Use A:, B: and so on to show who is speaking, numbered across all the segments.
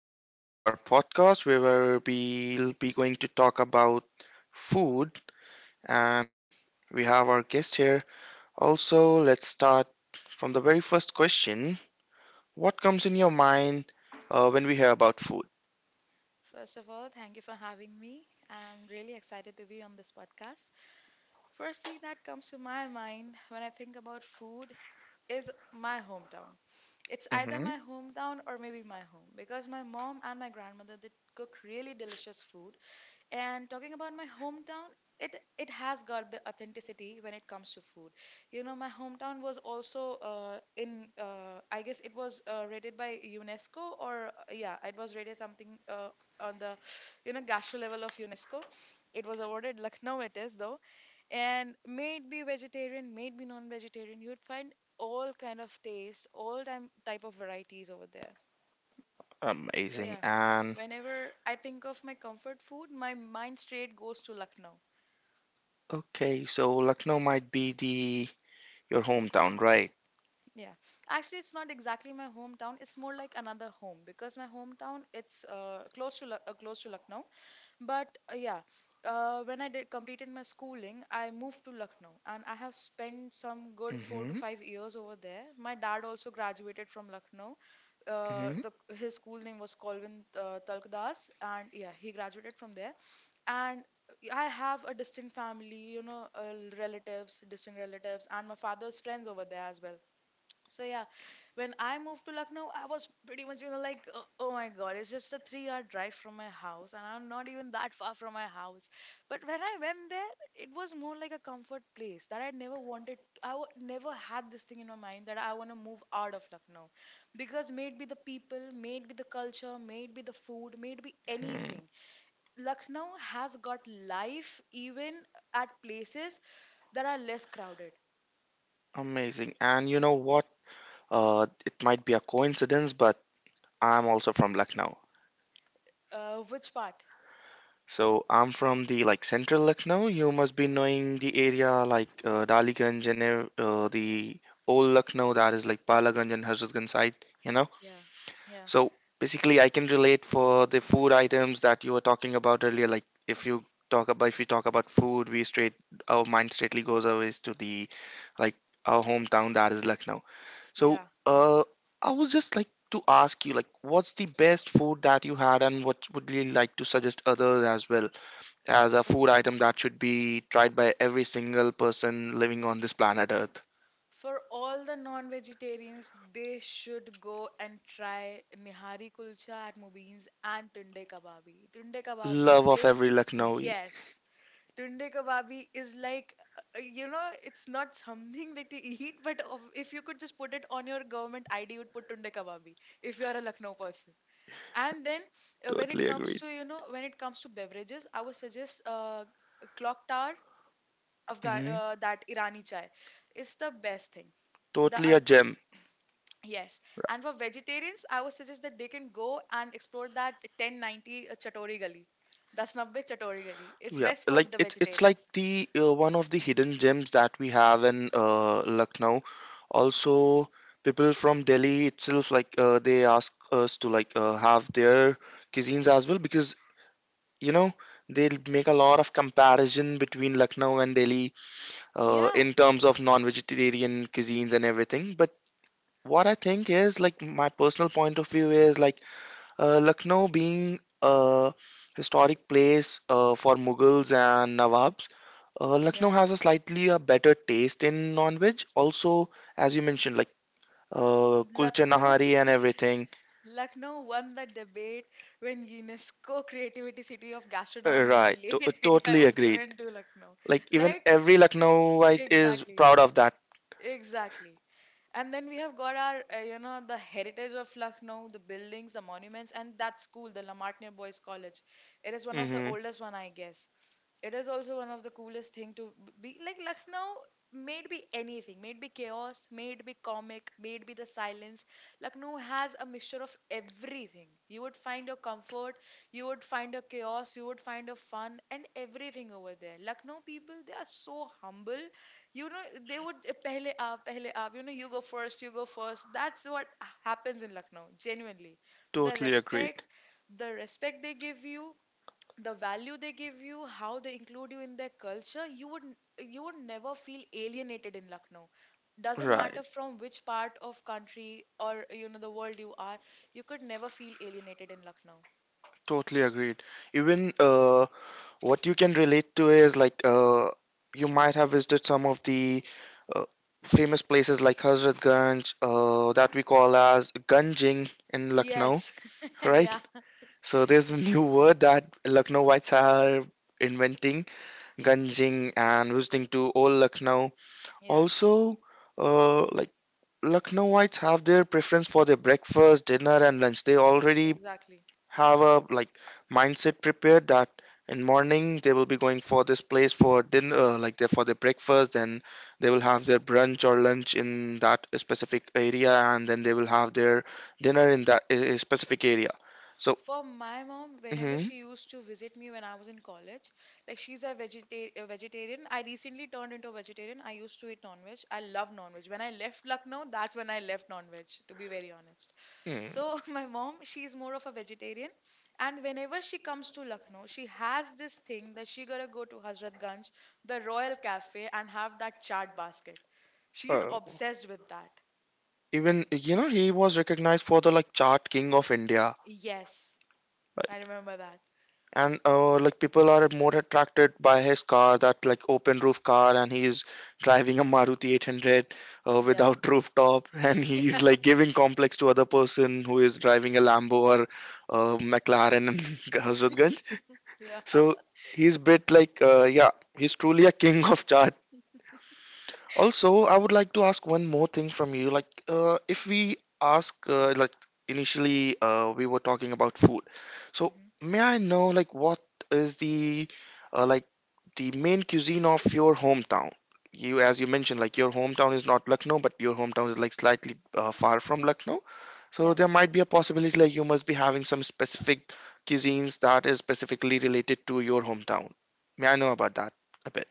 A: and welcome to our podcast where we'll be going to talk about food. And we have our guest here. Also, let's start from the very first question. What comes in your mind when we hear about food?
B: First of all, thank you for having me. I'm really excited to be on this podcast. First thing that comes to my mind when I think about food is my hometown. It's either
A: Hmm.
B: my hometown or maybe my home because my mom and my grandmother did cook really delicious food and talking about my hometown, it has got the authenticity when it comes to food. You know, my hometown was also in I guess it was rated by UNESCO or yeah, it was rated something on the you know gastro level of UNESCO. It was awarded Lucknow it is though, and may it be vegetarian, may it be non-vegetarian, you would find all kind of taste, all time type of varieties over there so
A: Amazing.
B: yeah,
A: And
B: whenever I think of my comfort food, my mind straight goes to Lucknow.
A: okay, so Lucknow might be the your hometown, right?
B: Yeah. Actually, it's not exactly my hometown. It's more like another home because my hometown it's close to Lucknow. But yeah, when I did completed my schooling, I moved to Lucknow and I have spent some good four to
A: Mm-hmm.
B: five years over there. My dad also graduated from Lucknow.
A: Mm-hmm.
B: The his school name was Colvin Talkdas, and yeah, he graduated from there. And I have a distant family, you know, relatives, distant relatives, and my father's friends over there as well. So yeah, when I moved to Lucknow, I was pretty much you know like oh my god, it's just a three-hour drive from my house, and I'm not even that far from my house. But when I went there, it was more like a comfort place that I never wanted. Never had this thing in my mind that I want to move out of Lucknow, because maybe the people, maybe the culture, maybe the food, maybe
A: Hmm.
B: anything. Lucknow has got life even at places that are less crowded.
A: Amazing. And you know what? It might be a coincidence, but I'm also from Lucknow.
B: Which part?
A: So I'm from the like central Lucknow. You must be knowing the area like Daliganj and the old Lucknow that is like Palaganj and Hazratganj side. You know.
B: Yeah, yeah.
A: So basically, I can relate for the food items that you were talking about earlier. Like if you talk about food, we straight our mind straightly goes always to the like our hometown that is Lucknow. So
B: Yeah.
A: uh, I was just like to ask you like what's the best food that you had and what would you like to suggest others as well as a food item that should be tried by every single person living on this planet Earth.
B: For all the non-vegetarians, they should go and try Nihari Kulcha at Mubeens and Tunde Kababi.
A: Love of every Lucknowi.
B: Yes, Tunde Kababi is like, you know, it's not something that you eat, but if you could just put it on your government ID, you would put Tunde Kababi if you are a Lucknow person. And then when it
A: Totally
B: comes
A: agreed.
B: to, you know, when it comes to beverages, I would suggest Clock Tower Afghan
A: Hmm.
B: that Irani chai. It's the best thing. The
A: Totally
B: uh,
A: a gem.
B: yes, and for vegetarians, I would suggest that they can go and explore that 1090 Chatori Gali, that's Nabbe Chatori Gali. It's
A: Yeah,
B: best for
A: like
B: the
A: it's like
B: vegetarians.
A: the one of the hidden gems that we have in Lucknow. Also, people from Delhi itself, like they ask us to like have their cuisines as well because you know they make a lot of comparison between Lucknow and Delhi
B: Yeah,
A: in terms of non-vegetarian cuisines and everything. But what I think is like my personal point of view is like Lucknow being a historic place for Mughals and Nawabs. Lucknow
B: yeah.
A: has a slightly a better taste in non-veg. Also, as you mentioned, like kulcha
B: Lucknow,
A: nahari and everything.
B: Lucknow won the debate when UNESCO Creativity City of Gastronomy in
A: Right,
B: late 25
A: totally
B: was
A: agreed.
B: given to Lucknow.
A: Like even
B: Like
A: every Lucknowite is
B: exactly.
A: proud of that.
B: Exactly. And then we have got our you know, the heritage of Lucknow, the buildings, the monuments, and that school, the Lamartine Boys College. It is one
A: Mm
B: of the
A: hmm
B: oldest one, I guess. It is also one of the coolest thing to be like Lucknow may it be anything, may it be chaos, may it be comic, may it be the silence. Lucknow has a mixture of everything. You would find your comfort, you would find a chaos, you would find a fun and everything over there. Lucknow people, they are so humble. You know, they would pehle aap, you know, you go first, you go first. That's what happens in Lucknow, genuinely. The
A: Totally
B: respect,
A: agreed.
B: the respect they give you, the value they give you, how they include you in their culture, you would never feel alienated in Lucknow. Doesn't
A: Right.
B: matter from which part of country or you know the world you are, you could never feel alienated in Lucknow.
A: Totally agreed. Even what you can relate to is like you might have visited some of the uh, famous places like Hazratganj, that we call as Ganjing in Lucknow,
B: Yes.
A: right?
B: Yeah.
A: So there's a new word that Lucknowites are inventing, Ganjing, and visiting to old Lucknow.
B: Yeah,
A: Also, like Lucknowites have their preference for their breakfast, dinner, and lunch. They already
B: exactly.
A: have a like mindset prepared that in morning they will be going for this place for dinner like they for their breakfast, then they will have their brunch or lunch in that specific area and then they will have their dinner in that a specific area, so
B: For my mom, whenever
A: hmm
B: she used to visit me when I was in college, like a vegetarian. I recently turned into a vegetarian. I used to eat non-veg. I love non-veg. When I left Lucknow, that's when I left non-veg, to be very honest. So
A: mm,
B: my mom, she's more of a vegetarian, and whenever she comes to Lucknow, she has this thing that she gotta go to Hazratganj, the Royal Cafe, and have that chaat basket. She's
A: uh,
B: obsessed with that.
A: even he was recognized for the like chart king of india,
B: Yes, I remember that.
A: and like people are more attracted by his car that like open roof car and he's driving a maruti 800
B: Yeah,
A: without rooftop and he's like giving complex to other person who is driving a lambo or mclaren in hazratganj,
B: yeah,
A: so he's bit like yeah, he's truly a king of chart. Also, I would like to ask one more thing from you. Like, if we ask, like, initially, we were talking about food. So,
B: hmm
A: may I know, like, what is uh, like, the main cuisine of your hometown? You, as you mentioned, like, your hometown is not Lucknow, but your hometown is, like, slightly far from Lucknow. So,
B: yeah.
A: there might be a possibility, like, you must be having some specific cuisines that is specifically related to your hometown. May I know about that a bit?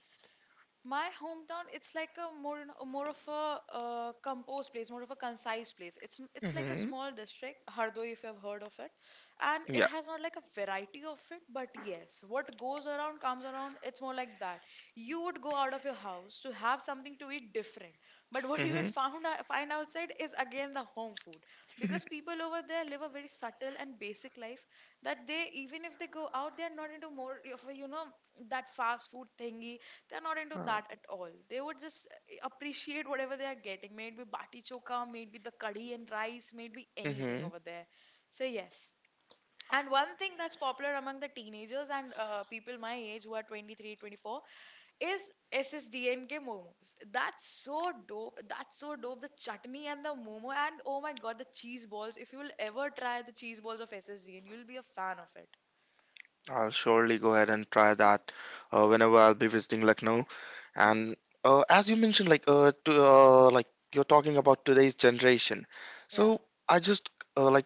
B: My hometown, it's like a more you know, more of a composed place, more of a concise place. It's like a
A: Hmm.
B: small district, Hardoi, if you have heard of it, and it
A: Yeah.
B: has not like a variety of it, but yes, what goes around comes around. It's more like that. You would go out of your house to have something to eat different, but what you would
A: Hmm.
B: found out, find outside is again the home food, because people over there live a very subtle and basic life that they even if they go out, they are not into more of a, you know that fast food thingy, they're not into that at all. They would just appreciate whatever they are getting. Maybe bati choka, maybe the curry and rice, maybe anything
A: Hmm.
B: over there. So yes. And one thing that's popular among the teenagers and people my age who are 23, 24, is SSDNK momos. That's so dope. That's so dope. The chutney and the momo and oh my god, the cheese balls. If you'll ever try the cheese balls of SSDN, you'll be a fan of it.
A: I'll surely go ahead and try that whenever I'll be visiting Lucknow. And as you mentioned, like like you're talking about today's generation.
B: Yeah.
A: So I just like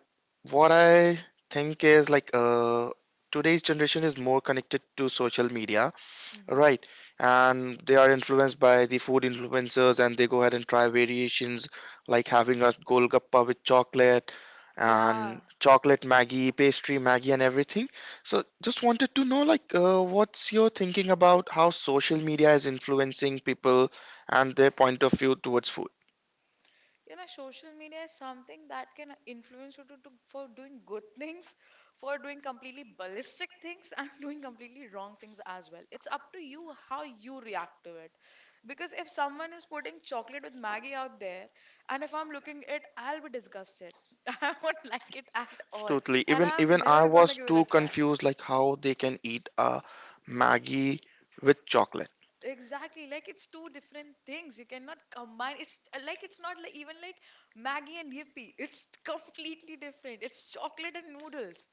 A: what I think is like today's generation is more connected to social media,
B: Hmm.
A: right, and they are influenced by the food influencers, and they go ahead and try variations like having a golgappa with chocolate and
B: Yeah.
A: chocolate Maggie, pastry Maggie, and everything. So, just wanted to know, like, what's your thinking about how social media is influencing people and their point of view towards food?
B: You know social media is something that can influence you to, for doing good things, for doing completely ballistic things and doing completely wrong things as well. It's up to you how you react to it, because if someone is putting chocolate with Maggie out there and if I'm looking at it, I'll be disgusted. I won't like it at all
A: Totally.
B: and
A: Even
B: I'm
A: even I
B: never gonna
A: was
B: give it a
A: too
B: try.
A: confused, like how they can eat a Maggie with chocolate.
B: Exactly, like it's two different things. You cannot combine. It's like it's not like even like Maggie and Yippee. It's completely different. It's chocolate and noodles.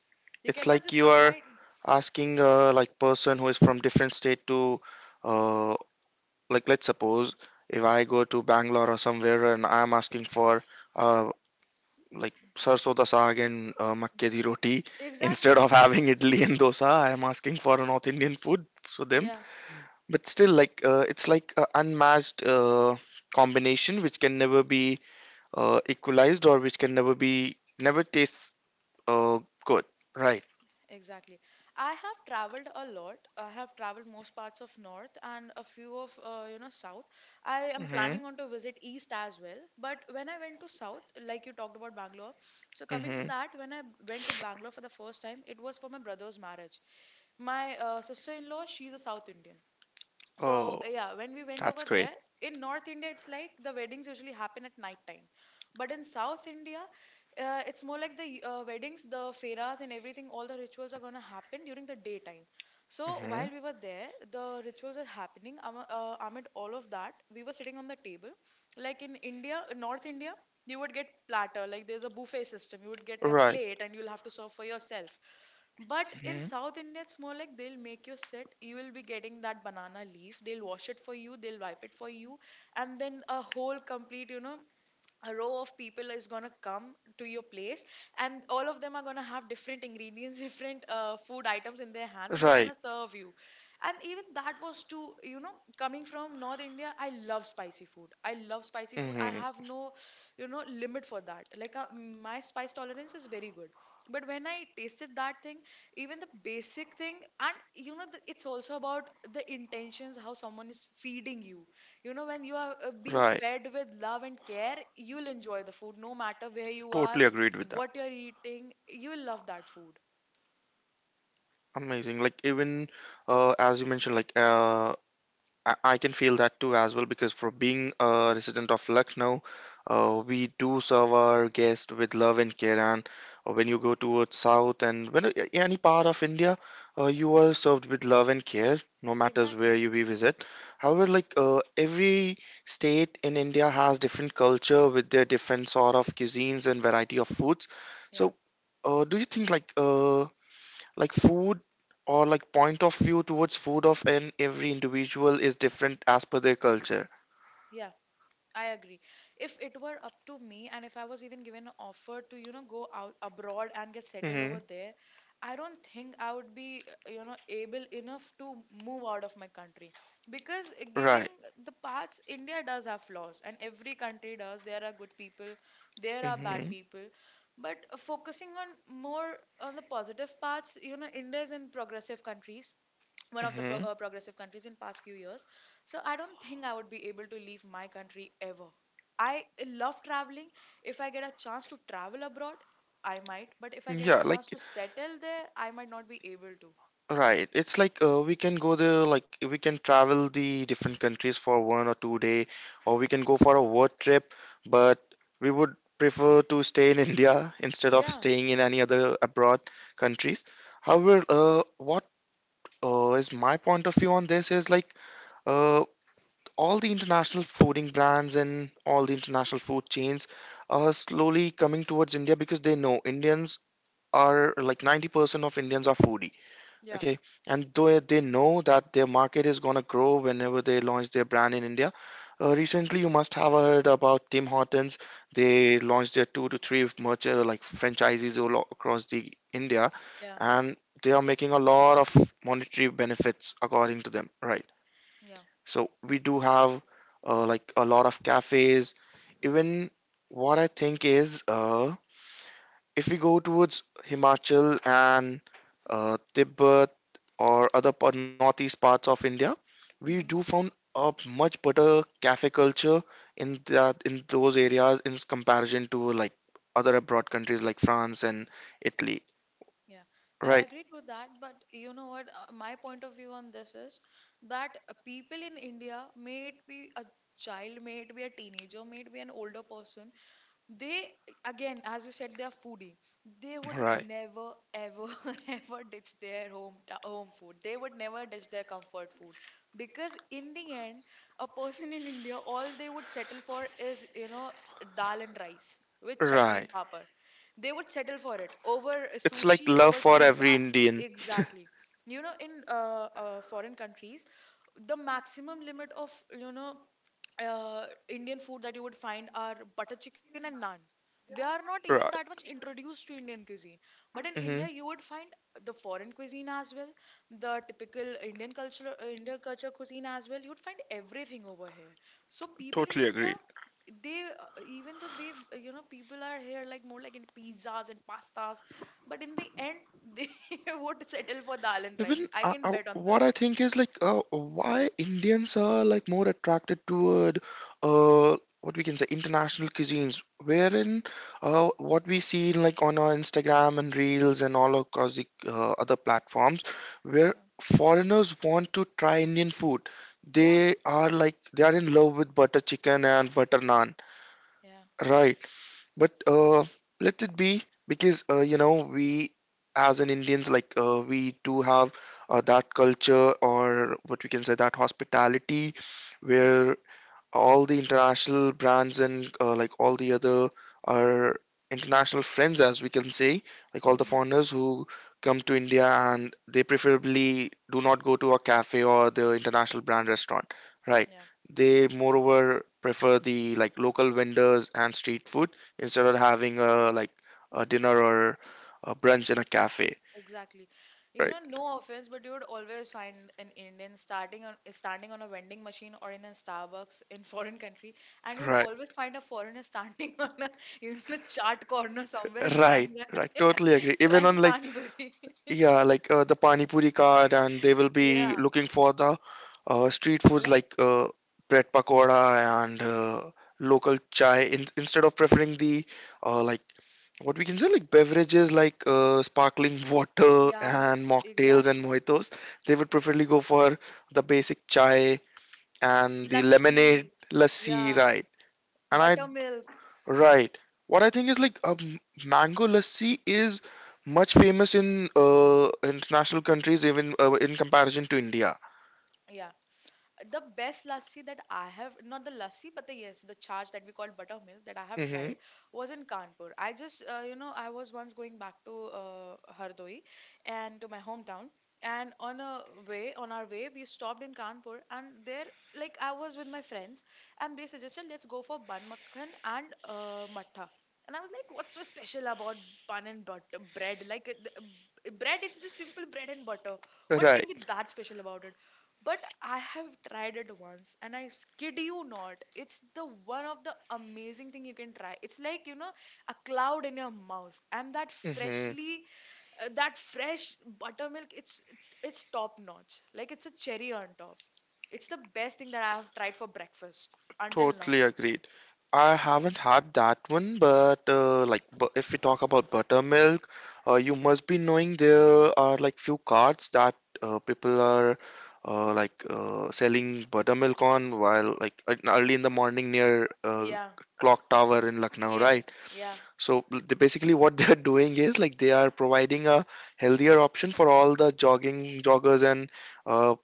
B: You
A: It's
B: cannot
A: like
B: just
A: you are
B: combine.
A: asking like person who is from different state to uh, like let's suppose if I go to Bangalore or somewhere and I'm asking for uh, like sarso da saag and makke di roti instead
B: Exactly.
A: of having idli and dosa, I am asking for a North Indian food for them.
B: Yeah.
A: But still, like it's like a unmatched combination which can never be equalized or which can never be never tastes good, right?
B: Exactly. I have traveled a lot. I have traveled most parts of North and a few of you know South. I am
A: Mm-hmm.
B: planning on to visit East as well. But when I went to South, like you talked about Bangalore, so coming to that, when I went to Bangalore for the first time, it was for my brother's marriage. My sister-in-law, she's a South Indian, so
A: Oh,
B: yeah, when we went over
A: that's great.
B: there, in North India it's like the weddings usually happen at night time, but in South India it's more like the weddings, the feras and everything, all the rituals are going to happen during the daytime. So
A: Hmm.
B: while we were there, the rituals are happening, amid all of that we were sitting on the table, like in India, in North India, you would get platter, like there's a buffet system, you would get a
A: Right.
B: plate and you'll have to serve for yourself. But in
A: Hmm.
B: South India, it's more like they'll make you sit. You will be getting that banana leaf. They'll wash it for you. They'll wipe it for you. And then a whole complete, you know, a row of people is going to come to your place and all of them are going to have different ingredients, different food items in their hands and they're going
A: Right.
B: to serve you. And even that was too, you know, coming from North India, I love spicy food, I love spicy food, I
A: Hmm.
B: have no you know limit for that, like my spice tolerance is very good. But when I tasted that thing, even the basic thing, and you know the, it's also about the intentions how someone is feeding you. You know, when you are being
A: Right.
B: fed with love and care, you'll enjoy the food no matter where you are,
A: Totally agreed with that.
B: what you're eating, you'll love that food.
A: Amazing. Like even as you mentioned, like I can feel that too as well because for being a resident of Lucknow, we do serve our guests with love and care. And when you go towards south and when any part of India, you are served with love and care, no matters where
B: Exactly.
A: you we visit. However, like every state in India has different culture with their different sort of cuisines and variety of foods.
B: Yeah.
A: So, do you think like food or like point of view towards food of an every individual is different as per their culture.
B: Yeah. I agree. If it were up to me, and if I was even given an offer to, you know, go out abroad and get settled over
A: Hmm.
B: there, I don't think I would be, you know, able enough to move out of my country. Because giving
A: Right.
B: the parts, India does have flaws, and every country does. There are good people, there are bad
A: Hmm.
B: people. But Focusing on more on the positive parts, you know, India is in progressive countries one of the
A: Hmm.
B: progressive countries in past few years, so I don't think I would be able to leave my country ever. I love traveling. If I get a chance to travel abroad, I might, but if I get
A: Yeah,
B: a chance
A: like
B: to settle there, I might not be able to.
A: right, it's like we can go there like we can travel the different countries for 1 or 2 day or we can go for a work trip, but we would prefer to stay in india instead of
B: Yeah,
A: staying in any other abroad countries. However, what is my point of view on this is like uh, all the international fooding brands and all the international food chains are slowly coming towards India because they know Indians are like 90% of Indians are foodie.
B: yeah,
A: Okay. And though they know that their market is going to grow whenever they launch their brand in India. Recently, you must have heard about Tim Hortons. They launched their two to three merchant like franchises all across the India,
B: yeah,
A: and they are making a lot of monetary benefits according to them. Right.
B: yeah.
A: So we do have like a lot of cafes. Even what I think is if we go towards Himachal and Tibet or other northeast parts of India, we do
B: Hmm.
A: found a much better cafe culture in those areas in comparison to like other abroad countries like France and Italy.
B: Yeah, I
A: Right,
B: agree to that, but you know what, my point of view on this is that people in India, may it be a child, may it be a teenager, may it be an older person, they, again as you said, they are foodie. They would
A: right,
B: never ever ever ditch their home food. They would never ditch their comfort food, because in the end, a person in India, all they would settle for is, you know, dal and rice with chutney
A: right.
B: and papad. They would settle for it over
A: It's like
B: sushi,
A: love
B: over
A: for every
B: pizza.
A: Indian.
B: Exactly. You know, in foreign countries, the maximum limit of, you know, Indian food that you would find are butter chicken and naan. They are not even that
A: Right.
B: much introduced to Indian cuisine. But in India, you
A: Hmm.
B: would find the foreign cuisine as well, the typical Indian culture cuisine as well. You would find everything over here. So people in
A: Totally
B: India,
A: agree.
B: they even though they you know, people are here like more like in pizzas and pastas, but in the end they would settle for dal and rice.
A: Even
B: I can bet on
A: what
B: that.
A: I think is like why Indians are like more attracted toward what we can say international cuisines, wherein what we see like on our Instagram and Reels and all across the other platforms, where
B: Yeah,
A: foreigners want to try Indian food,
B: yeah,
A: they are like they are in love with butter chicken and butter naan.
B: yeah.
A: Right. But let it be because we as an Indians like we do have that culture or what we can say that hospitality where all the international brands and like all the other our international friends as we can say like all the
B: Mm-hmm.
A: foreigners who come to india and they preferably do not go to a cafe or the international brand restaurant, right,
B: Yeah.
A: they moreover prefer the like local vendors and street food instead of having a like a dinner or a brunch in a cafe,
B: Exactly. You know,
A: right,
B: no offense, but you would always find an Indian starting on standing on a vending machine or in a Starbucks in foreign country, and you'd
A: right,
B: always find a foreigner standing on a, you know, chart corner somewhere and
A: right,
B: trying
A: right, totally agree even on
B: trying
A: like,
B: pani puri.
A: yeah, like the Pani Puri card, and they will be
B: Yeah,
A: looking for the street foods
B: like
A: like bread pakoda and local chai in, instead of preferring the like what we can say like beverages like sparkling water
B: yeah,
A: and mocktails and
B: exactly.
A: mojitos. They would preferably go for the basic chai and the lemonade
B: Lassi,
A: lassi,
B: yeah,
A: right? And I.
B: buttermilk,
A: Right. What I think is like mango lassi is much famous in international countries, even in comparison to India.
B: yeah. The best lassi that I have, not the lassi, but the yes, the charge that we call buttermilk that I have
A: Mm-hmm.
B: tried was in Kanpur. I just, you know, I was once going back to Hardoi and to my hometown. And on a way, on our way, we stopped in Kanpur, and there, like, I was with my friends, and they suggested let's go for bun makhan and matha. And I was like, what's so special about bun and butter bread? Like, bread, it's just simple bread and butter. What can
A: Right.
B: be that special about it? But I have tried it once and I kid you not, it's the one of the amazing thing you can try. It's like, you know, a cloud in your mouth and that
A: Mm-hmm.
B: freshly that fresh buttermilk, it's top notch. Like it's a cherry on top. It's the best thing that I have tried for breakfast until now.
A: Totally agreed. I haven't had that one, but like if we talk about buttermilk, you must be knowing there are like few carts that people are like selling buttermilk on while like early in the morning near
B: Yeah.
A: clock tower in Lucknow,
B: Yes.
A: right?
B: Yeah.
A: So they, basically, what they are doing is like they are providing a healthier option for all the jogging joggers and uh,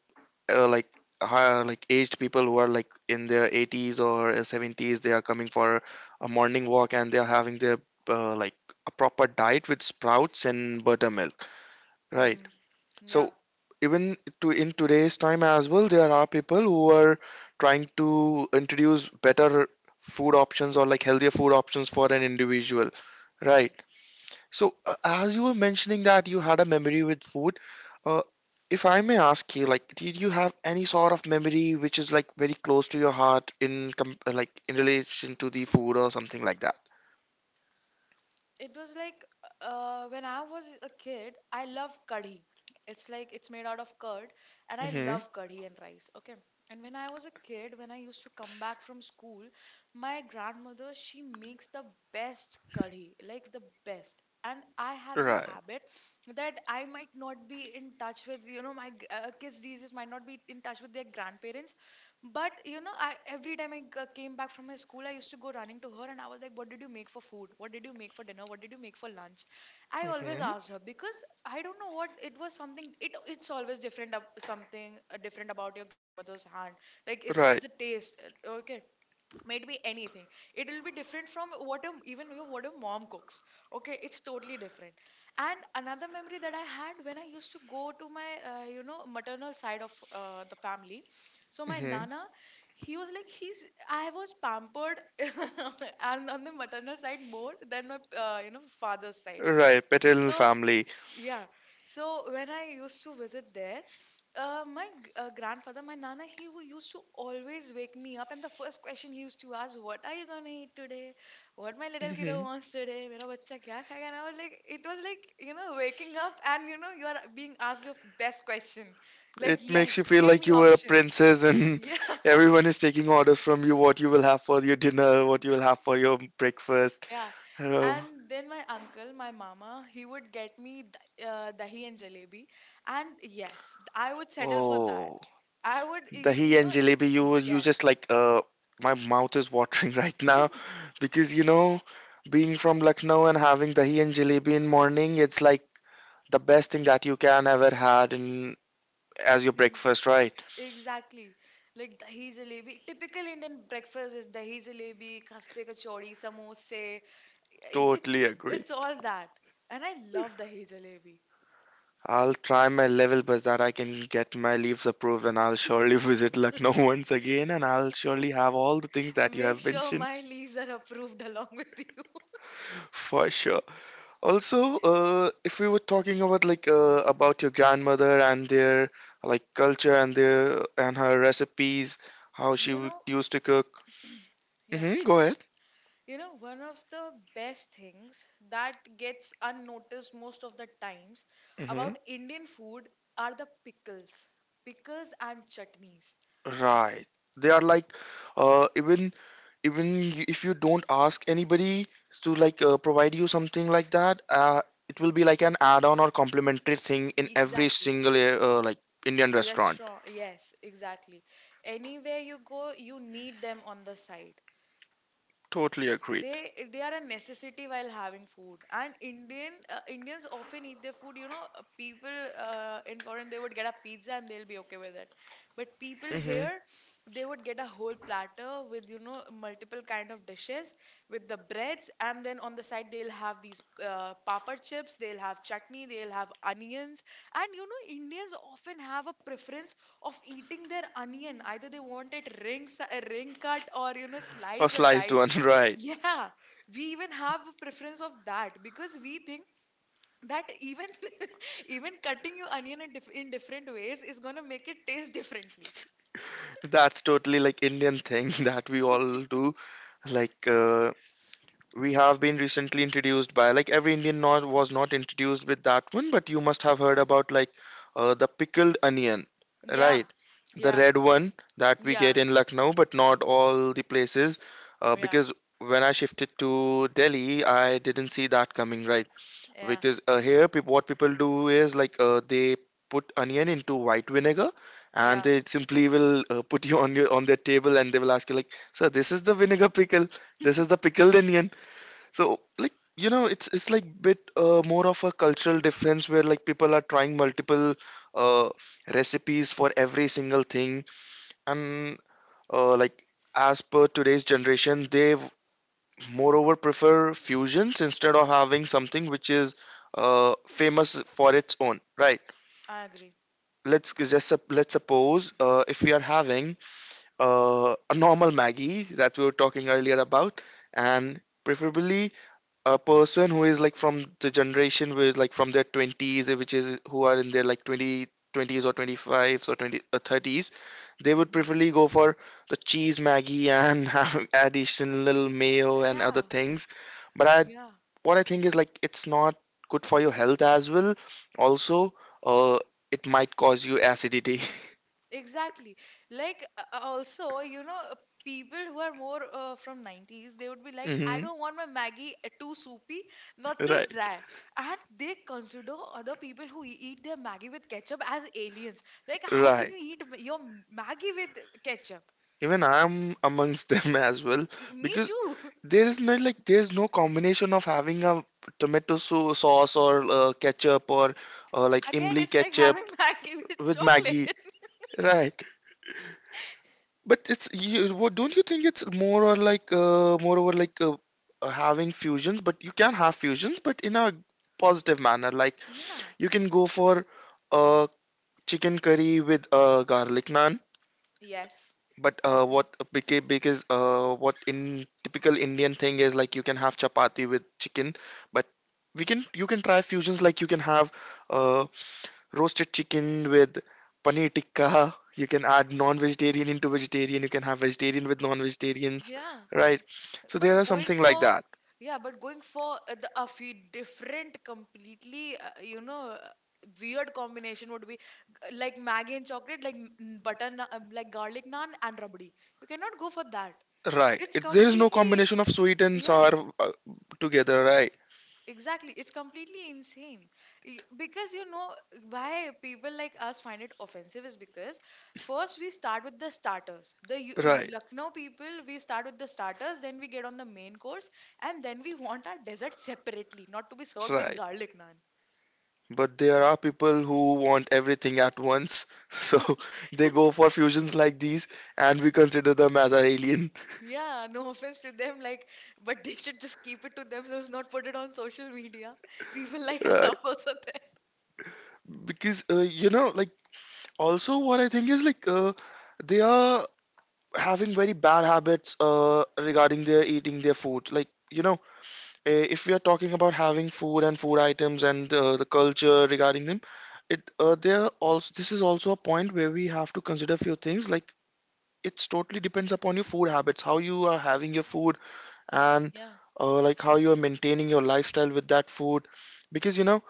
A: like high, like aged people who are like in their 80s or 70s. They are coming for a morning walk and they are having their like a proper diet with sprouts and buttermilk, right?
B: Mhm.
A: So
B: Yeah.
A: even to in today's time as well, there are people who are trying to introduce better food options or like healthier food options for an individual,
B: Yeah.
A: right? So, as you were mentioning that you had a memory with food, uh, if I may ask you, like, did you have any sort of memory which is like very close to your heart in com like in relation to the food or something like that?
B: It was like when I was a kid, I love kadhi. It's like it's made out of curd, and I
A: Hmm.
B: love kadhi and rice. Okay. And when I was a kid, when I used to come back from school, my grandmother, she makes the best kadhi, like the best. And I had this
A: Right.
B: habit that I might not be in touch with, you know, my kids these days might not be in touch with their grandparents. But you know, I every time I came back from my school, I used to go running to her and I was like, "What did you make for food? What did you make for dinner? What did you make for lunch?" I always
A: Hmm.
B: asked her because I don't know what it was. Something it's always different. Something different about your grandmother's hand. Like it's
A: Right.
B: the taste. Okay, might be anything. It will be different from what a, even your what a mom cooks, okay, it's totally different. And another memory that I had when I used to go to my you know, maternal side of the family, so my
A: Hmm.
B: nana, he was like he's I was pampered and on the maternal side more than my you know, father's side.
A: Right. Paternal
B: So
A: family.
B: yeah, so when I used to visit there, uh, my grandfather, my nana, he who used to always wake me up, and the first question he used to ask, "What are you gonna eat today? What my little kiddo
A: Hmm.
B: wants today? मेरा बच्चा क्या खाएगा?" And I was like, it was like, you know, waking up and you know you are being asked your best question, like
A: It makes you
B: yes,
A: feel
B: give
A: like
B: me
A: you were a
B: options.
A: princess and everyone is taking orders from you what you will have for your dinner, what you will have for your breakfast.
B: Yeah,
A: Uh,
B: and then my uncle, my mama, he would get me dahi and jalebi, and yes, I would settle for that.
A: oh.
B: I would, you
A: Dahi and
B: know,
A: jalebi, you just
B: yes,
A: like my mouth is watering right now because being from Lucknow and having dahi and jalebi in morning, it's like the best thing that you can ever had in as your
B: ex
A: breakfast, right?
B: exactly. Like dahi jalebi, typical Indian breakfast is dahi jalebi, kaste kachori, samosa. It, it's
A: Totally agree.
B: it's all that, and I love dahi jalebi.
A: I'll try my level best that I can get my leaves approved and I'll surely visit Lucknow once again and I'll surely have all the things that you
B: Make
A: have
B: sure
A: mentioned
B: my leaves are approved along with you.
A: for sure. Also, if we were talking about like about your grandmother and their like culture and their and her recipes, how she
B: You know,
A: used to cook.
B: yeah.
A: Mm-hmm, go ahead.
B: You know, one of the best things that gets unnoticed most of the times
A: Mm-hmm.
B: about Indian food are the pickles. Pickles and chutneys.
A: Right. They are like uh, even even if you don't ask anybody to like provide you something like that, it will be like an add-on or complimentary thing in every
B: Exactly.
A: single like Indian restaurant.
B: Restaurant, yes, exactly. Anywhere you go, you need them on the side.
A: Totally agreed.
B: They are a necessity while having food, and indian Indians often eat their food, you know, people in foreign they would get a pizza and they'll be okay with it, but people
A: Mm-hmm.
B: here they would get a whole platter with, you know, multiple kind of dishes, with the breads and then on the side they'll have these papad chips, they'll have chutney, they'll have onions. And you know, Indians often have a preference of eating their onion, either they want it ring cut or, you know,
A: A
B: sliced or
A: sliced one,
B: diced.
A: right?
B: Yeah, we even have a preference of that because we think that even even cutting your onion in different ways is gonna make it taste differently.
A: That's totally like Indian thing that we all do. Like we have been recently introduced by like every Indian not was not introduced with that one, but you must have heard about like the pickled onion,
B: Yeah,
A: right? The
B: yeah,
A: red one that we get
B: yeah,
A: in Lucknow, but not all the places
B: yeah,
A: because when I shifted to Delhi, I didn't see that coming, right?
B: yeah,
A: Because here peop what people do is like they put onion into white vinegar, and
B: yeah.
A: they simply will put you on their table and they will ask you like, sir, this is the vinegar pickle, this is the pickled onion. So like it's like bit more of a cultural difference where like people are trying multiple uh, recipes for every single thing, and like as per today's generation, they moreover prefer fusions instead of having something which is famous for its own right.
B: I agree.
A: Let's let's suppose if we are having a normal maggie that we were talking earlier about, and preferably a person who is like from the generation with like from their 20s, which is who are in their like 20 twenties or 25s or 20 or 30s, they would
B: Mhm.
A: preferably go for the cheese maggie and have additional mayo and other
B: Yeah,
A: things. But I
B: yeah.
A: what I think is like it's not good for your health as well. Also, uh, it might cause you acidity.
B: Exactly. Like also, you know, people who are more from 90s, they would be like, I
A: Hmm.
B: don't want my Maggie too soupy, not too
A: Right,
B: dry. And they consider other people who eat their Maggie with ketchup as aliens. Like, how can
A: right.
B: you eat Maggie with ketchup?
A: Even I'm amongst them as well,
B: Me
A: because
B: too.
A: there is not like there's no combination of having a tomato sauce or ketchup or like
B: Again,
A: imli
B: it's like
A: ketchup
B: having Maggie with
A: with
B: chocolate.
A: Maggie. Right, but it's you. What, don't you think it's more or like moreover like having fusions, but you can have fusions, but in a positive manner. Like,
B: Yeah.
A: you can go for uh, chicken curry with garlic naan.
B: Yes,
A: But
B: I agree.
A: because what in typical Indian thing is like you can have chapati with chicken, but we can you can try fusions like you can have uh, roasted chicken with paneer tikka. You can add non-vegetarian into vegetarian. You can have vegetarian with non-vegetarians,
B: Yeah.
A: right? So
B: but
A: there are
B: going
A: something like
B: for
A: that,
B: Yeah, but going for the a few different completely you know weird combination would be like maggi and chocolate, like like garlic naan and rabdi, you cannot go for that.
A: right?
B: It's
A: There is no
B: completely
A: combination of sweet and
B: Yeah.
A: sour together, right?
B: Exactly, it's completely insane. Because you know why people like us find it offensive is because first we start with the starters. The
A: Right.
B: Lucknow people, we start with the starters, then we get on the main course, and then we want our dessert separately, not to be served with
A: Right.
B: garlic naan.
A: But there are people who want everything at once. So they go for fusions like these, and we consider them as an alien.
B: Yeah, no offense to them, like, but they should just keep it to themselves, not put it on social media. People like us
A: Right.
B: are also there.
A: Because, like, also what I think is like, they are having very bad habits regarding their eating their food. Like, if we are talking about having food and food items and the culture regarding them, it there also this is also a point where we have to consider few things like it's totally depends upon your food habits how you are having your food, and
B: Yeah,
A: like how you are maintaining your lifestyle with that food. Because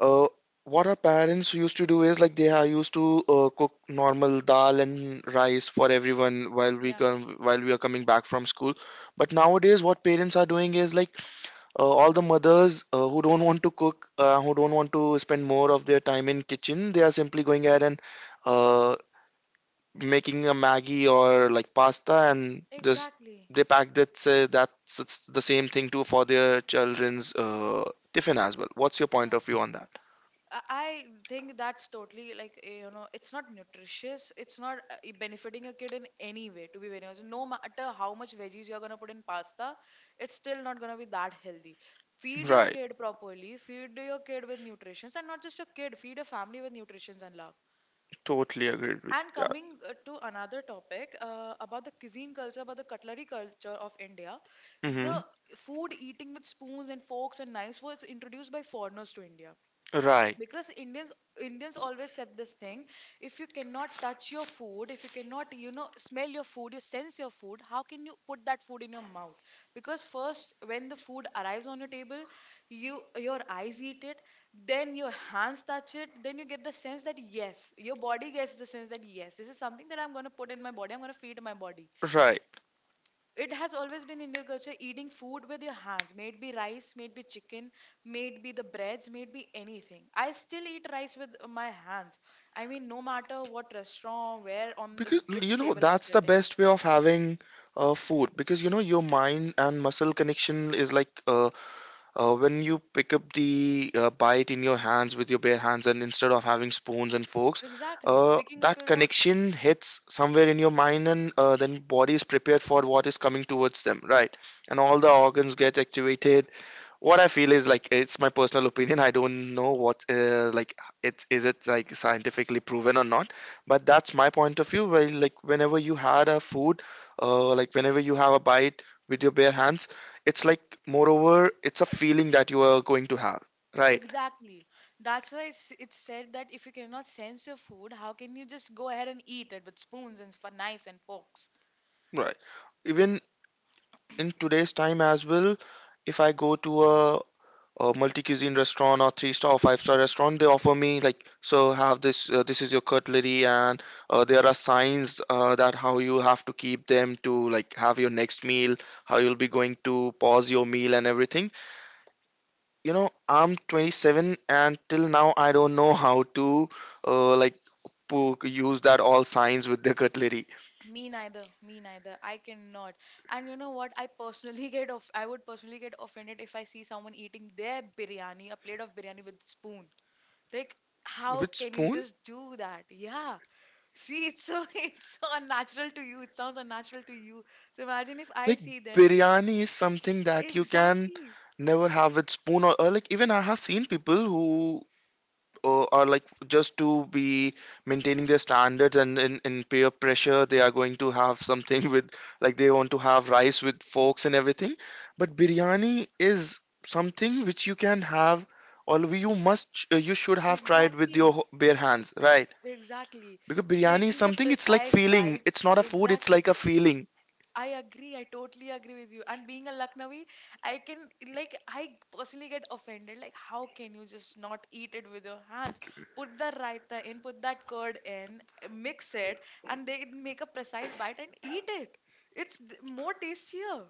A: uh, what our parents used to do is like they are used to cook normal dal and rice for everyone
B: yeah,
A: while we are coming back from school. But nowadays what parents are doing is like all the mothers who don't want to cook, who don't want to spend more of their time in kitchen, they are simply going ahead and uh, making a Maggie or like pasta, and just
B: exactly.
A: they pack that say that's it's the same thing too for their children's tiffin as well. What's your point
B: Yeah.
A: of view on that?
B: I I think that's totally like eh, you know, it's not nutritious. It's not eh, benefiting a kid in any way. To be very honest, no matter how much veggies you're gonna put in pasta, it's still not gonna be that healthy. Feed your
A: Right,
B: kid properly. Feed your kid with nutrition, and not just your kid. Feed your family with nutrition and love.
A: totally agreed with
B: And
A: that.
B: coming to another topic about the cuisine culture, about the cutlery culture of India,
A: Hmm.
B: the food eating with spoons and forks and knives was introduced by foreigners to India,
A: Right,
B: because Indians always have this thing, if you cannot touch your food, if you cannot, you know, smell your food, you sense your food, how can you put that food in your mouth? Because first when the food arrives on your table, you your eyes eat it, then your hands touch it, then you get the sense that yes, your body gets the sense that yes, this is something that I'm going to put in my body, I'm going to feed my body.
A: right.
B: It has always been Indian culture eating food with your hands. May it be rice, may it be chicken, may it be the breads, may it be anything. I still eat rice with my hands. I mean, no matter what restaurant, where on the,
A: Because
B: which table I'm
A: that's the
B: sitting.
A: best way of having food, because your mind and muscle connection is like when you pick up the bite in your hands with your bare hands and instead of having spoons and forks,
B: Exactly, picking up
A: that
B: your own.
A: connection hits somewhere in your mind, and then body is prepared for what is coming towards them, right? And all the organs get activated. What I feel is like it's my personal opinion. I don't know what like it like scientifically proven or not, but that's my point of view. Where like whenever you had a food, like whenever you have a bite with your bare hands, it's like moreover it's a feeling that you are going to have, right?
B: Exactly. That's why it's said that if you cannot sense your food, how can you just go ahead and eat it with spoons and for knives and forks?
A: Right. Even in today's time as well, if I go to a multi-cuisine restaurant or three-star or five-star restaurant, they offer me like, so have this, this is your cutlery, and there are signs that how you have to keep them to like have your next meal, how you'll be going to pause your meal and everything. I'm 27 and till now I don't know how to like use that all signs with the cutlery.
B: Me neither. Me neither. I cannot. And you know what? I personally get off. I would personally get offended if I see someone eating their biryani, a plate of biryani with spoon. Like, how
A: With
B: can you
A: spoon?
B: just do that? Yeah. See, it's so it's so unnatural to you. It sounds unnatural to you. So imagine if I
A: Like
B: see them.
A: biryani is something that you can
B: Exactly.
A: never have with spoon, or like even I have seen people who are like just to be maintaining their standards and in peer pressure, they are going to have something with like they want to have rice with forks and everything, but biryani is something which you can have, or you must you should have tried with your
B: Exactly.
A: bare hands, right?
B: Exactly.
A: Because biryani is
B: Baking the
A: something, it's like
B: precise
A: feeling,
B: bites.
A: it's not a food, it's like
B: Exactly.
A: a feeling.
B: I agree. I totally agree with you. And being a Lucknowi, I can like I personally get offended. Like, how can you just not eat it with your hands? Put the raita in, put that curd in, mix it, and they make a precise bite and eat it. It's more tastier.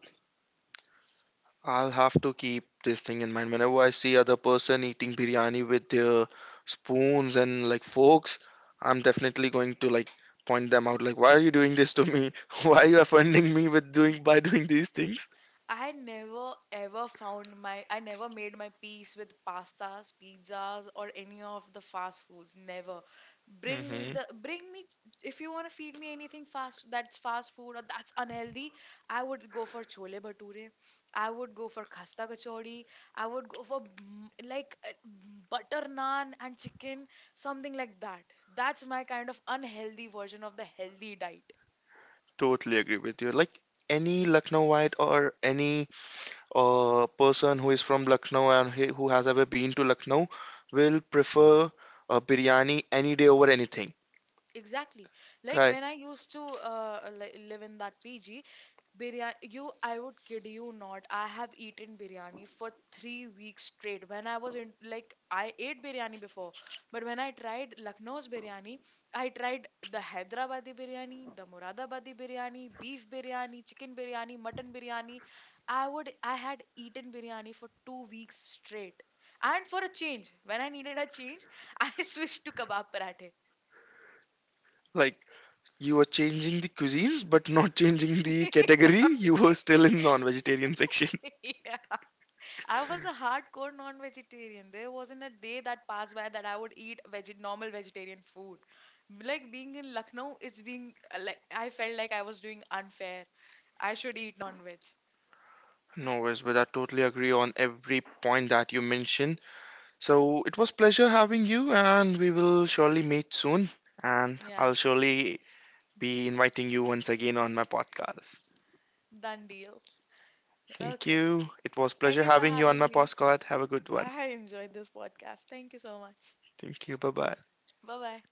A: I'll have to keep this thing in mind. Whenever I see other person eating biryani with their spoons and like forks, I'm definitely going to like point them out. Like, why are you doing this to me? Why are you offending me with doing by doing these things?
B: I never ever found my I never made my peace with pastas, pizzas or any of the fast foods. Never.
A: Hmm.
B: Bring me, if you want to feed me anything fast that's fast food or that's unhealthy, I would go for chole bhature. I would go for khasta kachori. I would go for mm, like mm, butter naan and chicken, something like that. That's my kind of unhealthy version of the healthy diet.
A: Totally agree with you. Like any Lucknowite or any person who is from Lucknow and who has ever been to Lucknow will prefer a biryani any day over anything,
B: Exactly. Like
A: right?
B: when I used to live in that PG, biryani, you, I would kid you not, I have eaten biryani for 3 weeks straight. When I was in, like, I ate biryani before, but when I tried Lucknow's biryani, I tried the Hyderabadi biryani, the Muradabadi biryani, beef biryani, chicken biryani, mutton biryani. I would, I had eaten biryani for 2 weeks straight. And for a change, when I needed a change, I switched to kebab parathe.
A: Like you were changing the cuisines, but not changing the category. You were
B: Exactly.
A: still in non-vegetarian section.
B: Yeah. I was a hardcore non-vegetarian. There wasn't a day that passed by that I would eat veg normal vegetarian food. Like being in Lucknow, it's being like I felt like I was doing unfair. I should eat non-veg.
A: No worries, but I totally agree on every point that you mentioned. So it was pleasure having you, and we will surely meet soon. And I'll
B: Yeah,
A: surely be inviting you once again on my podcast.
B: done deal.
A: Thank
B: Okay.
A: you. It was
B: Thank
A: pleasure
B: you for
A: having you on my
B: having me.
A: podcast. Have a good one.
B: I enjoyed this podcast. Thank you so much.
A: Thank you. Bye bye.
B: Bye-bye.